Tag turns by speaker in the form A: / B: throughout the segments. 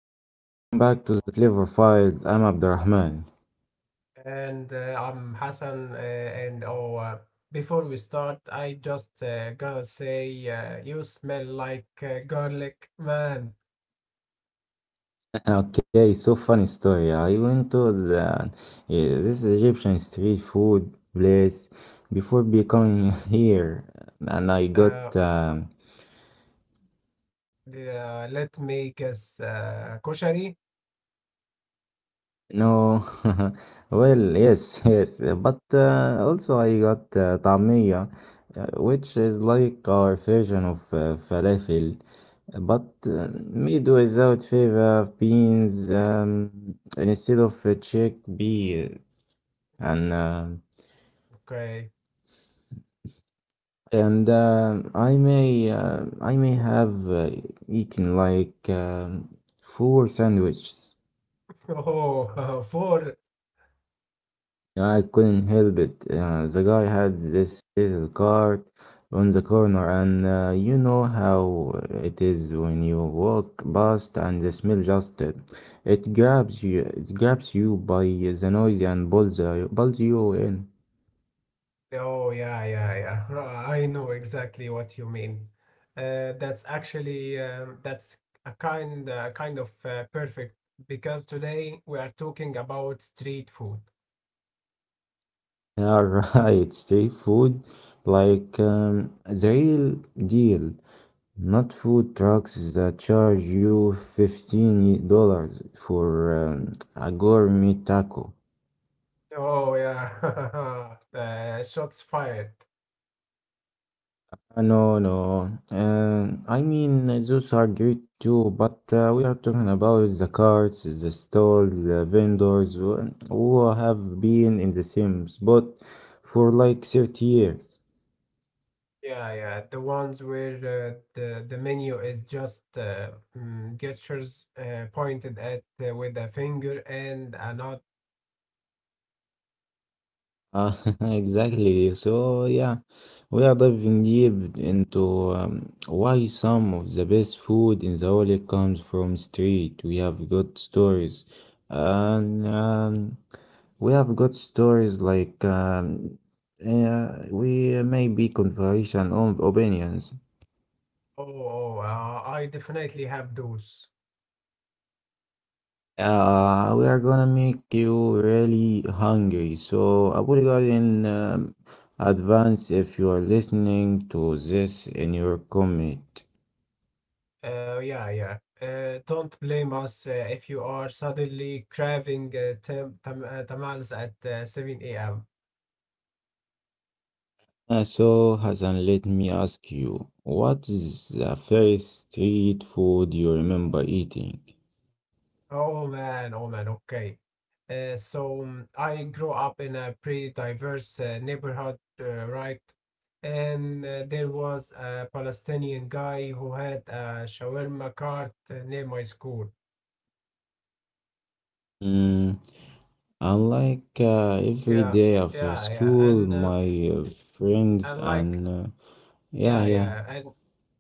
A: welcome back to the Clever Files. I'm Abdurrahman.
B: And I'm Hassan. Before we start, I just gotta say you smell like garlic, man.
A: Okay, so funny story. I went to the. Yeah, this Egyptian street food place before becoming here, and I got
B: Uh, Let me guess, koshari.
A: No, well, yes, yes, but also I got طعمية, which is like our version of falafel, but made without fava beans instead of chickpeas, and uh,
B: Okay.
A: and I may have eaten like four sandwiches.
B: Oh, for.
A: Yeah, I couldn't help it. The guy had this little cart on the corner, and you know how it is when you walk past and the smell just it grabs you. It grabs you by the noise and pulls you in.
B: Oh, yeah, yeah, yeah. I know exactly what you mean. That's actually that's a kind kind of perfect because today we are talking about street food.
A: Yeah, right. Street food, the real deal, not food trucks that charge you $15 for a gourmet taco.
B: Oh yeah, shots fired.
A: No, no. I mean, those are great too, but we are talking about the carts, the stalls, the vendors who have been in the same spot for like 30 years.
B: Yeah, yeah, the ones where the menu is just gestures pointed at with a finger and a nod.
A: Uh, exactly. So, yeah, we are diving deep into why some of the best food in the world comes from street. We have got stories and we have got stories like we may be conversation on opinions.
B: Oh, oh, I definitely have those.
A: We are gonna make you really hungry. So I would apologize in advance if you are listening to this in your comment.
B: Yeah, yeah. Don't blame us if you are suddenly craving tamales at 7 a.m.
A: So Hassan, let me ask you, what is the first street food you remember eating?
B: Oh man, okay. I grew up in a pretty diverse neighborhood, right? And there was a Palestinian guy who had a shawarma cart near my school.
A: Mm. And every
B: Yeah,
A: day after
B: yeah, yeah.
A: school, my friends
B: And like,
A: and yeah,
B: yeah,
A: yeah,
B: yeah. And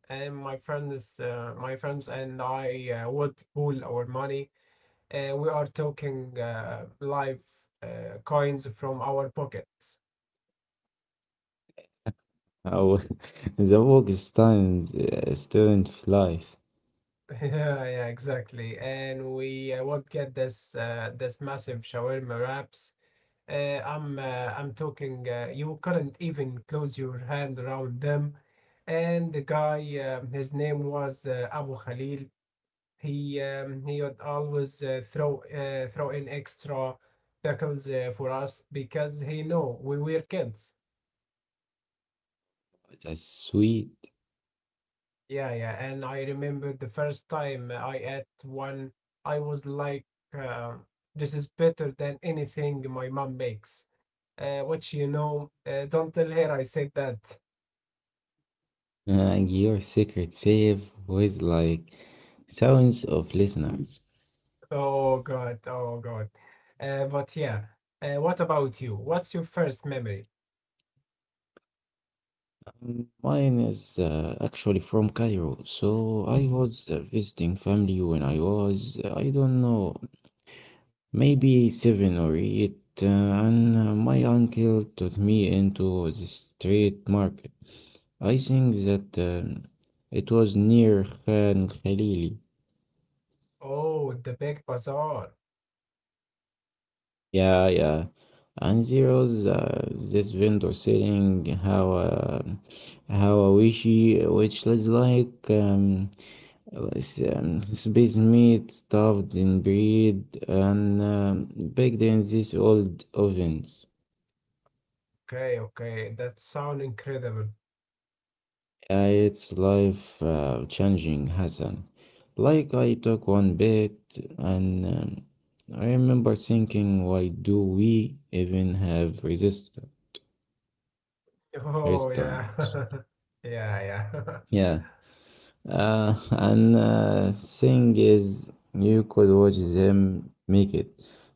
B: and my friends and I would pool our money. We are talking live coins from our pockets.
A: our, the work is times student life.
B: Yeah, yeah, exactly. And we won't get this massive shawarma wraps. I'm talking. You couldn't even close your hand around them. And the guy, his name was Abu Khalil. He would always throw in extra pickles for us because he know we were kids.
A: That's sweet.
B: Yeah, yeah. And I remember the first time I ate one, I was like, uh, this is better than anything my mom makes. Which, you know, don't tell her I said that.
A: And your secret save with like thousands of listeners.
B: Oh, God. Oh, God. But yeah. What about you? What's your first memory?
A: Mine is actually from Cairo, so I was visiting family when I was, I don't know, maybe seven or eight, and my uncle took me into the street market. I think that it was near Khan Khalili.
B: Oh, the big bazaar.
A: Yeah, yeah. And there was this vendor selling how a wishy, which is like space meat stuffed in bread and baked in these old ovens.
B: Okay, okay. That sound incredible.
A: Yeah, it's life changing, Hassan. Like I took one bit, and I remember thinking, why do we even have resist
B: Oh, yeah.
A: restaurants?
B: Yeah, yeah.
A: Yeah, and thing is, you could watch him make it.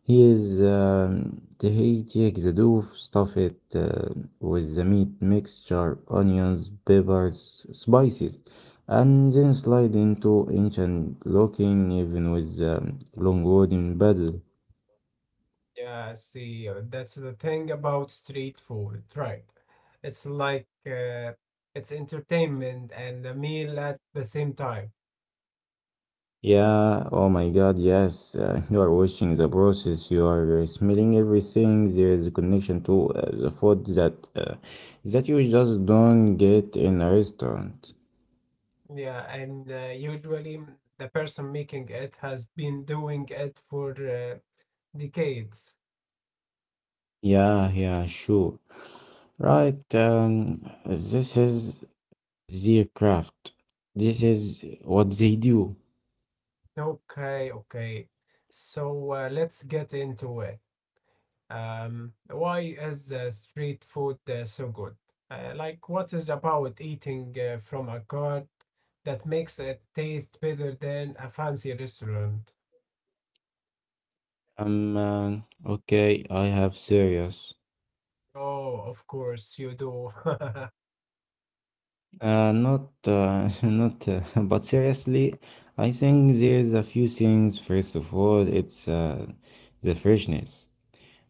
A: He takes the dough, stuff it with the meat mixture, onions, peppers, spices, and then slide into ancient looking even with long wooden paddle.
B: Yeah, see, that's the thing about street food, right? It's like it's entertainment and a meal at the same time.
A: Yeah, oh my God, yes. You are watching the process, you are smelling everything. There is a connection to the food that you just don't get in a restaurant.
B: Yeah, and usually the person making it has been doing it for decades.
A: Yeah, yeah, sure. Right, this is their craft. This is what they do.
B: Okay, okay. So let's get into it. Why is street food so good? Like, what is about eating from a cart that makes it taste better than a fancy restaurant?
A: Um, uh, okay, I have serious.
B: Oh, of course you do.
A: Not, not, but seriously, I think there's a few things. First of all, it's the freshness.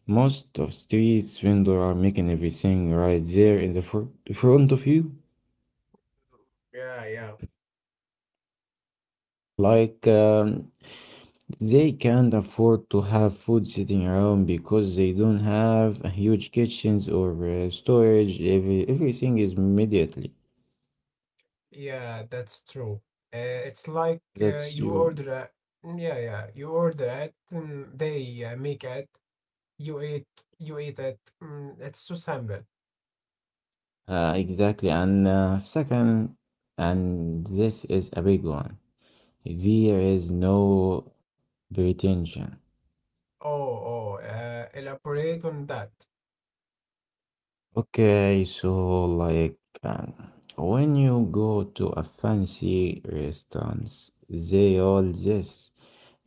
A: Most of streets vendors are making everything right there in the fr front of you.
B: Yeah, yeah.
A: Like, um, they can't afford to have food sitting around because they don't have a huge kitchens or storage. Everything is immediately.
B: Yeah, that's true. Uh, it's like
A: That's
B: you
A: you.
B: order a, yeah, yeah, you order it, they make it, you eat, you eat it. It's so simple.
A: Exactly, and second, and this is a big one. There is no pretension.
B: Oh, oh, elaborate on that.
A: Okay, so when you go to a fancy restaurants, they all this,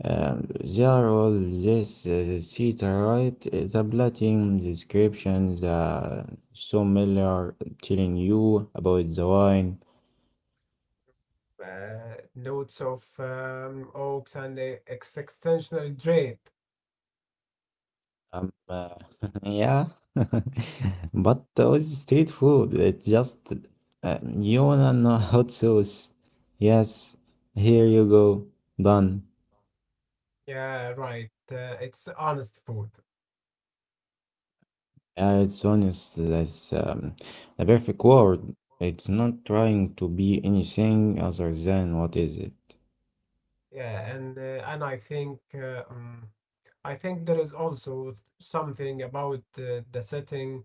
A: they are all this the seat, right? The plating descriptions, so many are telling you about the wine.
B: Loads of oaks and existential dread.
A: Um, uh, yeah, but with street food, it's just you and a hot sauce. Yes, here you go. Done.
B: Yeah, right. It's honest food.
A: It's honest. That's the perfect word. It's not trying to be anything other than what is it?
B: Yeah, and I think there is also something about the setting.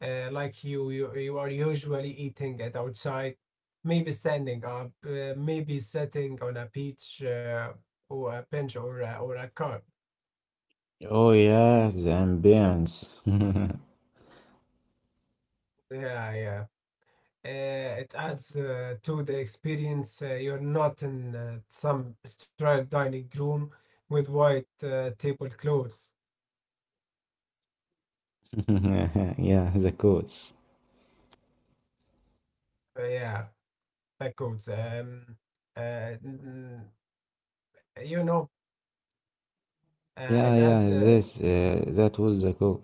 B: Like you are usually eating it outside, maybe standing up, maybe sitting on a beach or a bench or a car.
A: Oh yeah, the ambience.
B: Yeah, yeah. It adds to the experience. You're not in some sterile dining room with white tablecloths.
A: yeah, the cause.
B: Yeah, that goes. Uh, n- you know, uh, it
A: Yeah,
B: add.
A: yeah,
B: Uh, it,
A: this that was the cause.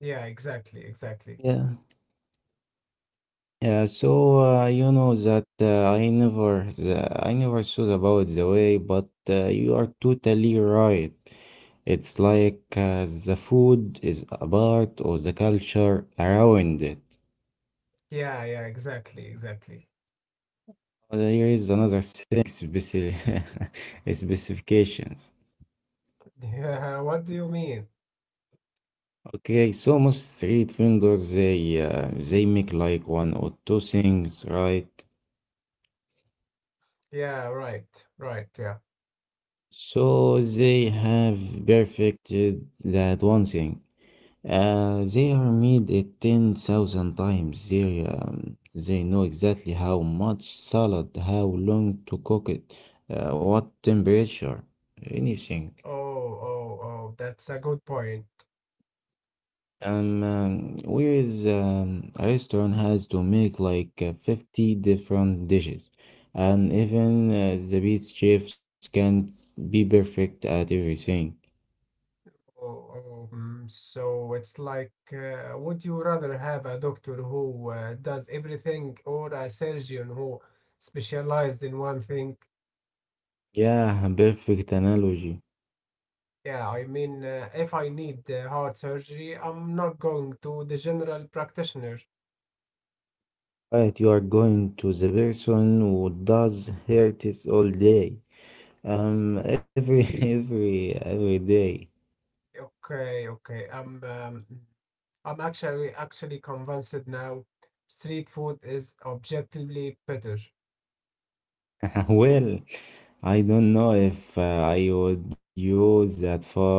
B: yeah, exactly, exactly.
A: Yeah. Yeah, so you know that I never the, I never thought about the way, but you are totally right. It's like the food is a part of the culture around it.
B: Yeah, yeah, exactly, exactly.
A: Here is another thing, specific specifications.
B: Yeah, what do you mean?
A: Okay, so most street vendors they make like one or two things, right?
B: Yeah, right, right. Yeah.
A: So they have perfected that one thing. They are made it 10,000 times. They know exactly how much salad, how long to cook it, what temperature, anything.
B: Oh, oh, oh. That's a good point.
A: Whereas a restaurant has to make like 50 different dishes, and even the best chefs can't be perfect at everything.
B: Oh, so it's like, would you rather have a doctor who does everything or a surgeon who specialized in one thing?
A: Yeah, perfect analogy.
B: Yeah, I mean, if I need heart surgery, I'm not going to the general practitioner.
A: Right, you are going to the person who does hurts all day. Every every day.
B: Okay, okay. I'm actually convinced now. Street food is objectively better.
A: Well, I don't know if I would use that for.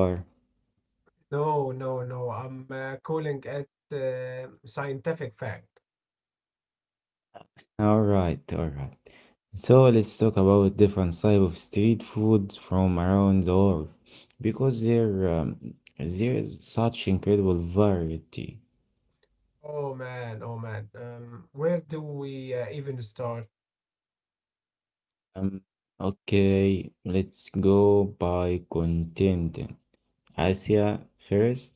B: No, no, no. I'm calling it scientific fact.
A: All right, all right. So let's talk about different type of street foods from around the world, because there is such incredible variety.
B: Oh man, oh man. Where do we even start?
A: Um, okay, let's go by continent. Asia first.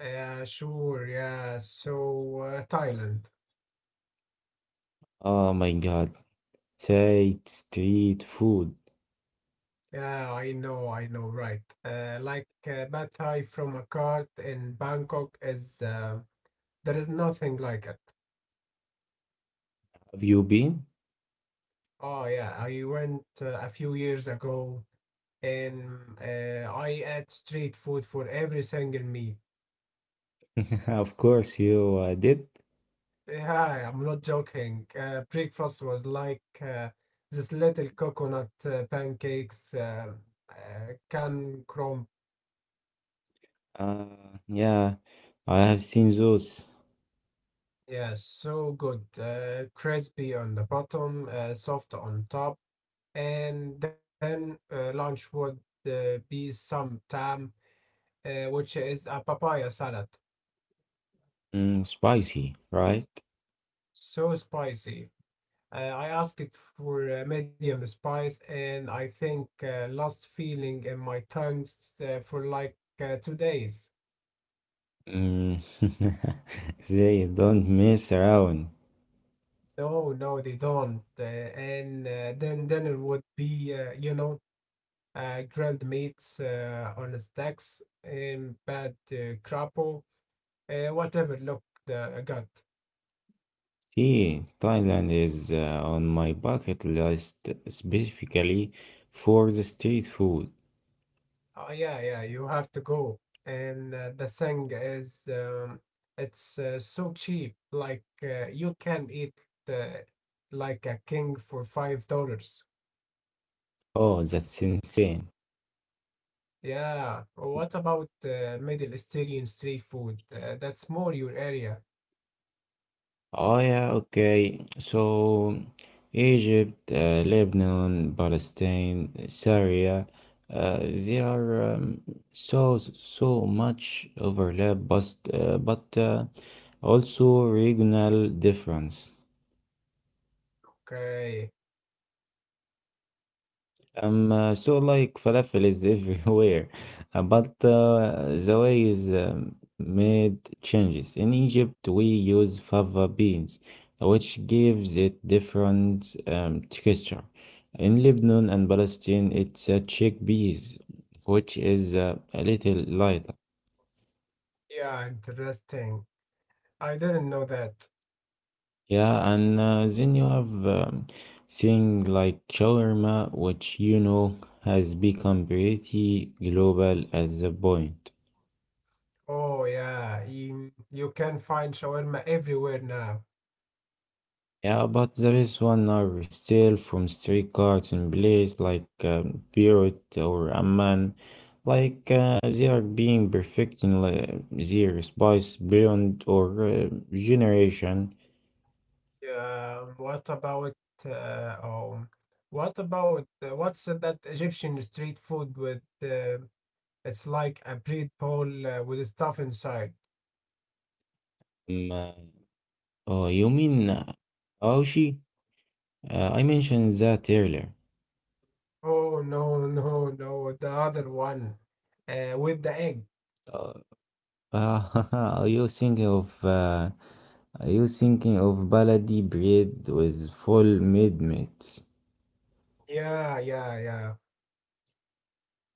B: Yeah, sure. Yeah, so Thailand.
A: Oh my God. Thai street food.
B: Yeah, I know, right. Like Pad Thai from a cart in Bangkok is there is nothing like it.
A: Have you been?
B: Oh yeah, I went a few years ago and I ate street food for every single meal.
A: Of course you did.
B: Yeah, I'm not joking. Breakfast was like this little coconut pancakes, can crumb.
A: Yeah, I have seen those.
B: Yeah, so good. Crispy on the bottom, soft on top. And then lunch would be some tam, which is a papaya salad.
A: Mm, spicy, right?
B: So spicy. I asked it for medium spice, and I think lost feeling in my tongue for like 2 days.
A: Mm. They don't mess around.
B: No, no, they don't. And then it would be, you know, grilled meats on stacks and bad crapo, whatever. Look, the gut.
A: See, Thailand is on my bucket list specifically for the street food.
B: Oh yeah, yeah, you have to go. And the thing is, it's so cheap. Like you can eat uh, like a king for $5.
A: Oh, that's insane.
B: Yeah. What about Middle Eastern street food? That's more your area.
A: Oh yeah, okay. So Egypt, Lebanon, Palestine, Syria, they are so so much overlap, but also regional difference.
B: Okay.
A: So like falafel is everywhere, but the way is made changes. In Egypt, we use fava beans, which gives it different texture. In Lebanon and Palestine, it's chickpeas, which is a little lighter.
B: Yeah, interesting. I didn't know that.
A: Yeah, and then you have thing like shawarma, which you know has become pretty global at the point.
B: Oh yeah, you can find shawarma everywhere now.
A: Yeah, but there is one are still from street cards in place like Beirut or Amman. Like they are being perfect in their spice blend or generation.
B: Yeah, what about uh, oh, what about what's that Egyptian street food with it's like a bread bowl with stuff inside.
A: Um, uh, oh, you mean Aoshi? I mentioned that earlier.
B: Oh no, no, no, the other one with the egg.
A: Uh, are you thinking of uh, are you thinking of baladi bread with full mid meat?
B: Yeah, yeah, yeah.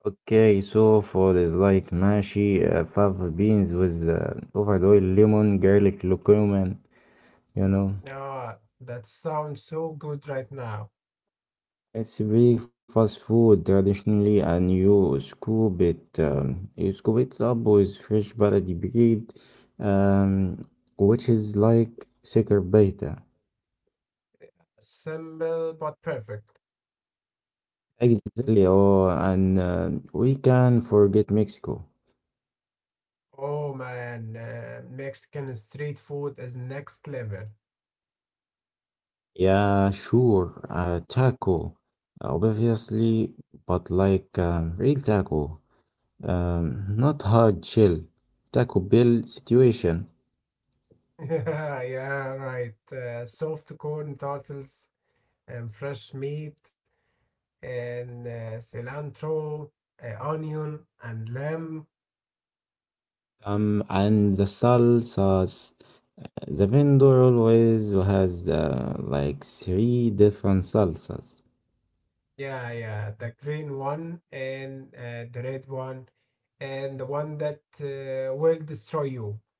A: Okay, so for this, like ماشي fava beans with covered oil lemon garlic curcumin you know
B: Ah, that sounds so good right now.
A: it's breakfast food traditionally and you scoop it up with fresh بلدي bread um, which is like thicker beta
B: Simple but perfect.
A: exactly oh and we can forget Mexico
B: Oh man, Mexican street food is next level.
A: yeah sure taco obviously but like real taco not hard shell, Taco Bell situation.
B: Yeah, yeah, right. Soft corn tartars and fresh meat and cilantro, onion and lamb.
A: And the salsas, the vendor always has like three different salsas.
B: Yeah, yeah, the green one and the red one and the one that will destroy you.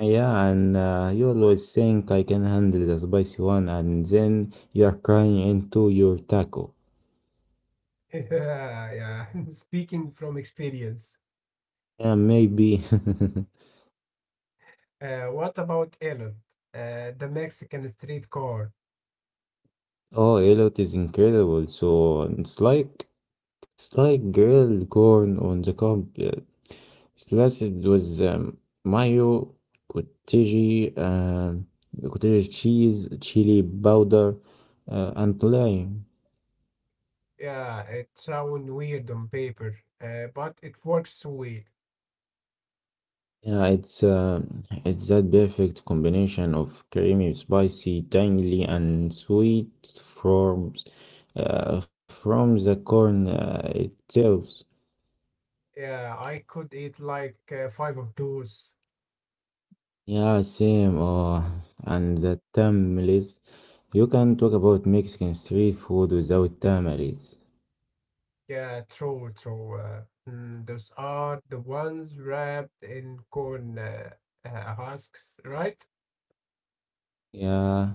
A: Yeah, and you always think I can handle the spicy one, and then you are crying into your taco.
B: Yeah, yeah. Speaking from experience.
A: Yeah, maybe.
B: What about Ireland? The Mexican street corn.
A: Oh, yellow is incredible. So it's like grilled corn on the cob, sliced with mayo, cottage, um, cottage cheese, chili powder, and lime.
B: Yeah, it sounds weird on paper, but it works so well.
A: Yeah, it's that perfect combination of creamy, spicy, tangy, and sweet forms from the corn itself.
B: Yeah, I could eat like five of those.
A: Yeah, same. And the tamales. You can talk about Mexican street food without tamales.
B: Yeah, true, true. Those are the ones wrapped in corn husks, right?
A: Yeah,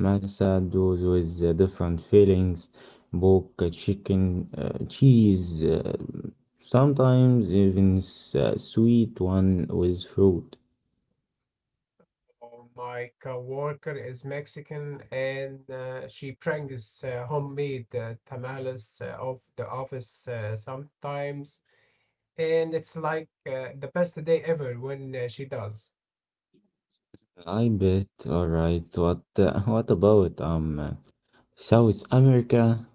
A: matchados with different fillings, pork, chicken, cheese, sometimes even sweet one with fruit.
B: Oh, my coworker is Mexican and she brings homemade tamales of the office sometimes. And it's like the best day ever when she does.
A: I bet. All right. What what about South America?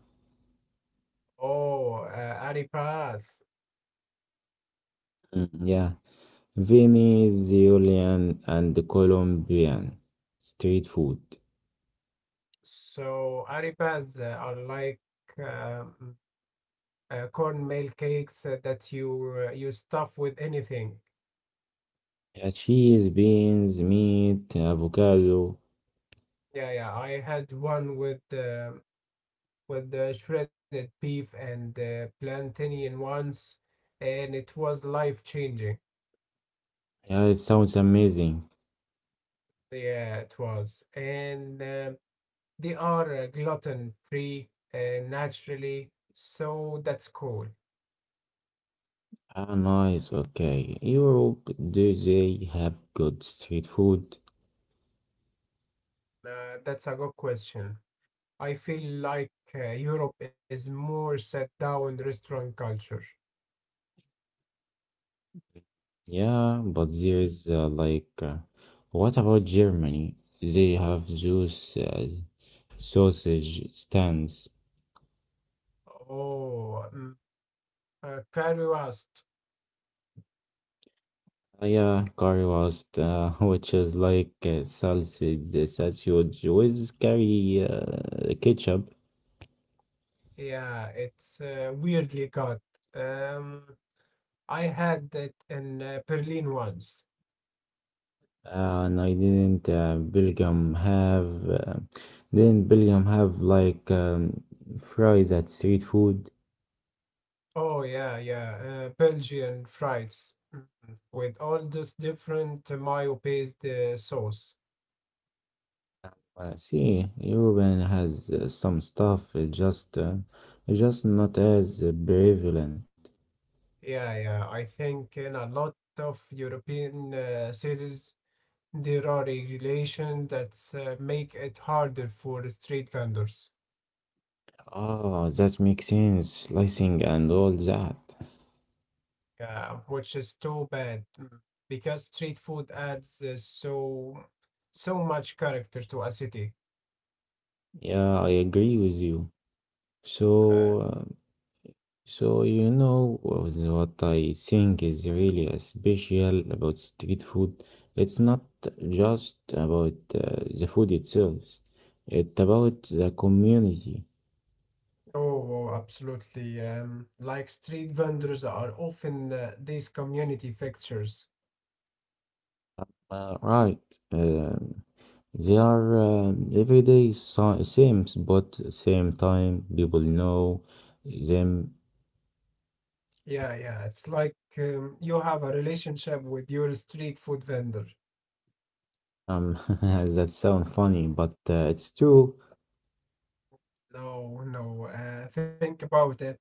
B: Oh, Ari.
A: Mm, yeah. Venezuelan and Colombian street food.
B: So arepas are like um, cornmeal cakes that you stuff with anything.
A: Cheese, beans, meat, avocado.
B: Yeah, yeah. I had one with the shredded beef and plantain once, and it was life changing.
A: Yeah, it sounds amazing.
B: Yeah, it was. And they are gluten free naturally, so that's cool.
A: Ah, nice. Okay. Europe, do they have good street food?
B: That's a good question. I feel like Europe is more set down restaurant culture.
A: Yeah, but there is like, what about Germany? They have those sausage stands.
B: Oh, curry roast.
A: Yeah, curry roast, which is like sausage with curry ketchup.
B: Yeah, it's weirdly cut. Um, I had it in Berlin once.
A: And I didn't Belgium have didn't Belgium have like fries at street food?
B: Oh yeah, yeah. Belgian fries with all this different mayo-based sauce.
A: See, European has some stuff. It just not as prevalent.
B: Yeah, yeah. I think in a lot of European cities there are regulations that make it harder for the street vendors,
A: Oh, that makes sense. Slicing and all that.
B: which is too bad because street food adds so much character to a city.
A: Yeah, I agree with you.
B: Okay.
A: So. So, you know what I think is really special about street food? It's not just about the food itself, it's about the community.
B: Oh, oh, absolutely. Like street vendors are often these community fixtures.
A: Right. Um, they are every same, but same time people know them.
B: Yeah, yeah. It's like you have a relationship with your street food vendor.
A: Um, that sound funny, but it's true.
B: No, no. Think about it.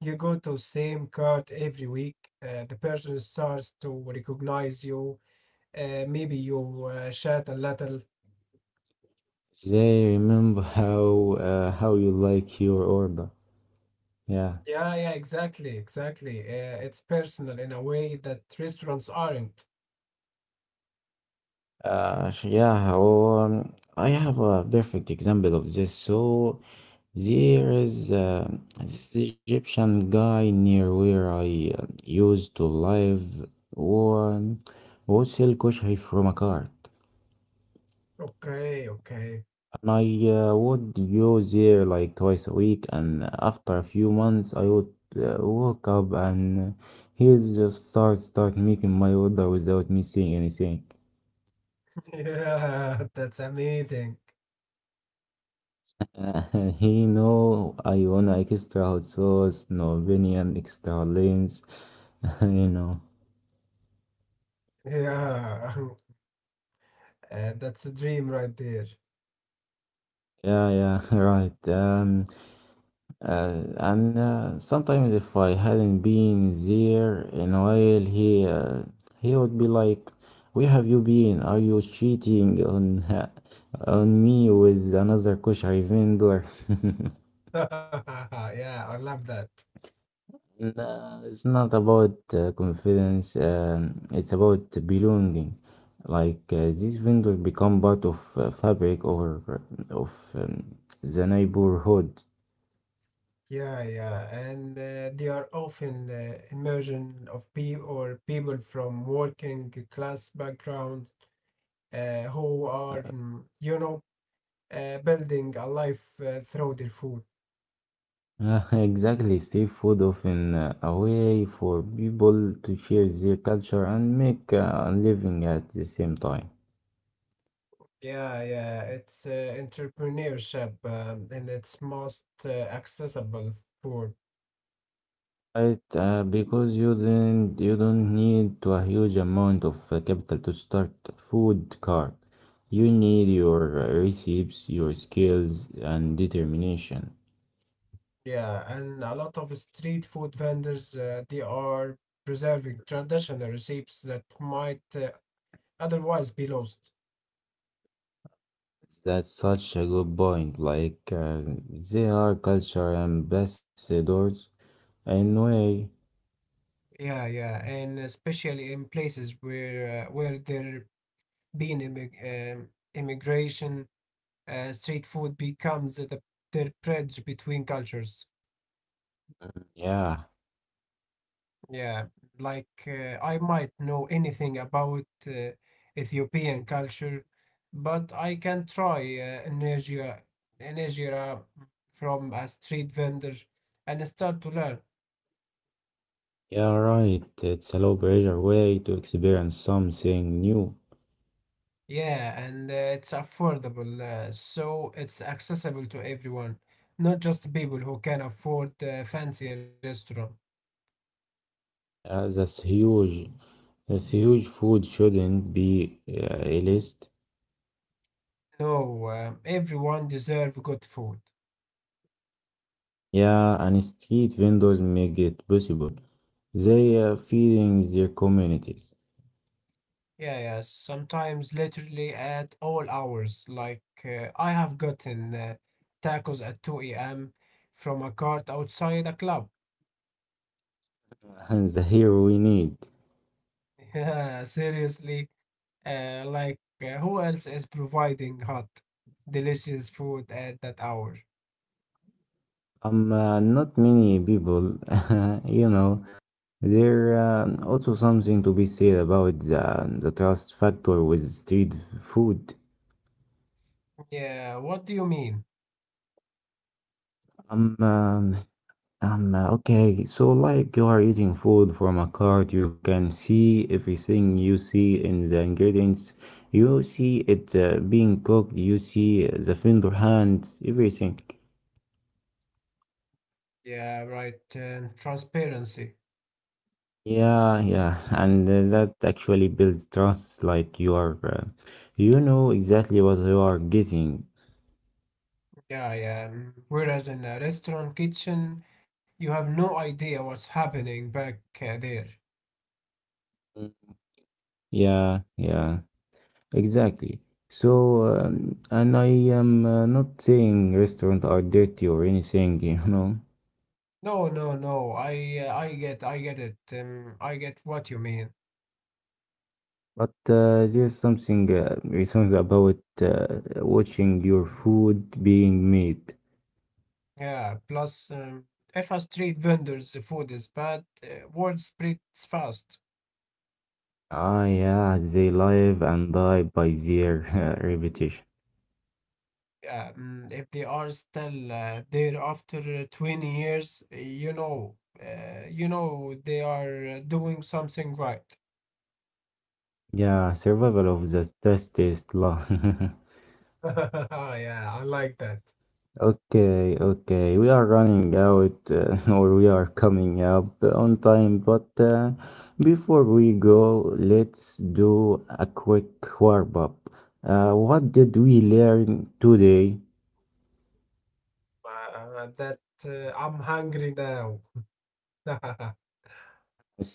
B: You go to same cart every week. The person starts to recognize you. Maybe you chat a little.
A: They remember how you like your order. Yeah.
B: Yeah, yeah, exactly, exactly. It's personal in a way that restaurants aren't.
A: Yeah, or I have a perfect example of this. So there is this Egyptian guy near where I used to live who wholesale kushari from a cart.
B: Okay, okay.
A: And I would go there like twice a week, and after a few months, I would wake up and he just start making my order without me saying anything.
B: Yeah, that's amazing.
A: Uh, he know I want a extra hot sauce, Norwegian extra limbs, you know.
B: Yeah, that's a dream right there.
A: Yeah, yeah, right. And sometimes if I hadn't been there in a while, he would be like, "Where have you been? Are you cheating on on me with another kushari vendor?"
B: Yeah, I love that.
A: No, it's not about confidence. It's about belonging. Like these vendors become part of fabric or of the neighborhood.
B: Yeah, yeah, and they are often immersion of people or people from working class background who are, you know, building a life through their food.
A: Yeah, exactly, Steve food often a way for people to share their culture and make a living at the same time.
B: Yeah, yeah, it's entrepreneurship and it's most accessible food.
A: Right, because you don't need to a huge amount of capital to start a food cart. You need your recipes, your skills, and determination.
B: Yeah, and a lot of street food vendors they are preserving traditional recipes that might otherwise be lost.
A: That's such a good point. Like they are culture ambassadors in a way.
B: Yeah, yeah, and especially in places where there been immigration, street food becomes the bridge between cultures.
A: Yeah,
B: Yeah, like I might know anything about Ethiopian culture, but I can try injera from a street vendor and start to learn.
A: yeah, right. It's a low pressure way to experience something new.
B: Yeah, and it's affordable, so it's accessible to everyone, not just people who can afford a fancy restaurant.
A: That's huge. That's huge. Food shouldn't be a list.
B: No, everyone deserve good food.
A: Yeah, and street vendors make it possible. They are feeding their communities.
B: Yeah, yeah, sometimes literally at all hours. Like I have gotten tacos at 2 a.m. from a cart outside a club.
A: And the hero we need.
B: Yeah, seriously. Like who else is providing hot, delicious food at that hour?
A: Not many people, you know. There also something to be said about the trust factor with street food.
B: Yeah, what do you mean?
A: Um, uh, okay, so like you are eating food from a cart, you can see everything you see in the ingredients. You see it being cooked, you see the vendor hands, everything.
B: Yeah, right. And transparency.
A: Yeah, yeah, and that actually builds trust, like you know exactly what you are getting.
B: Yeah, yeah. Mm. Whereas in a restaurant kitchen, you have no idea what's happening back there.
A: Mm. Yeah, yeah, exactly. So, and I am not saying restaurants are dirty or anything, you know.
B: No, no, no. I get it. I get what you mean.
A: But there's something about watching your food being made.
B: Yeah. Plus, if a street vendor's food is bad, word spreads fast.
A: Ah, yeah, they live and die by their repetition.
B: Yeah. If they are still there after 20 years, you know they are doing something right.
A: Yeah, survival of the testest law.
B: Yeah, I like that.
A: okay, okay, we are running out, or we are coming up on time. But before we go, let's do a quick warm up. What did we learn today?
B: Uh, that uh, I'm hungry now.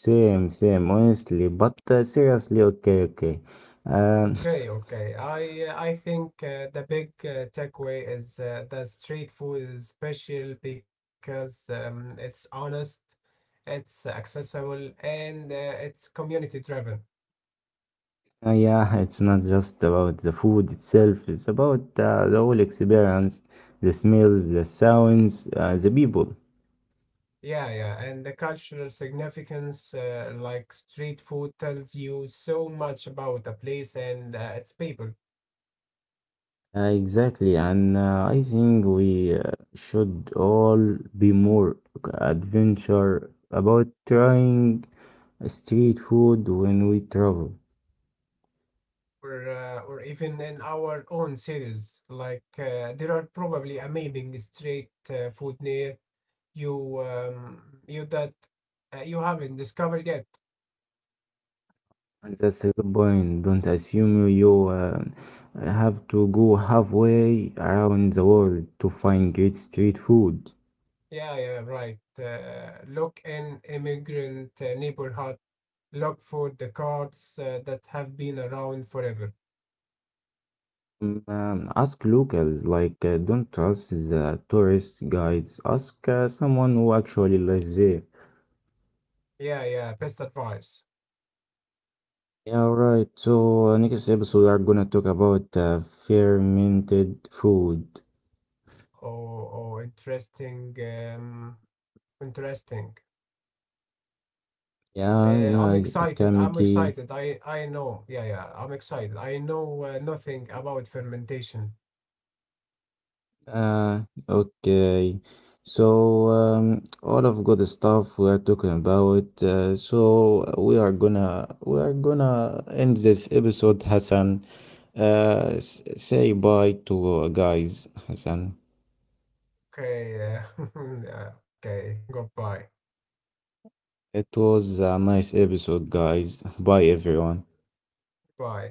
A: Same, same, honestly. But seriously, okay, okay. Um,
B: Okay, okay. I think the big takeaway is that street food is special because it's honest, it's accessible, and it's community driven.
A: yeah, it's not just about the food itself, it's about the whole experience, the smells, the sounds, the people.
B: Yeah, yeah, and the cultural significance, like street food, tells you so much about a place and its people,
A: Exactly, and I think we should all be more adventure about trying street food when we travel.
B: or even in our own cities. Like there are probably amazing street food near you, um, you that you haven't discovered yet.
A: And that's a good point. Don't assume you have to go halfway around the world to find great street food.
B: Yeah, yeah, right. Look in immigrant neighborhood. Look for the carts that have been around forever.
A: Mm, um, ask locals, like don't trust the tourist guides. Ask someone who actually lives there.
B: Yeah, yeah, best advice.
A: Yeah, right. So next episode we are gonna talk about fermented food.
B: Oh, oh, interesting, interesting.
A: Yeah,
B: I'm excited.
A: yeah,
B: I'm excited.
A: kamiki.
B: I know. Yeah, yeah. I'm excited. I know nothing about fermentation.
A: Okay. So, all of good stuff we are talking about. So we are gonna end this episode, Hassan. Say bye to guys, Hassan.
B: Okay. Yeah, okay. Goodbye.
A: It was a nice episode, guys. Bye, everyone.
B: Bye.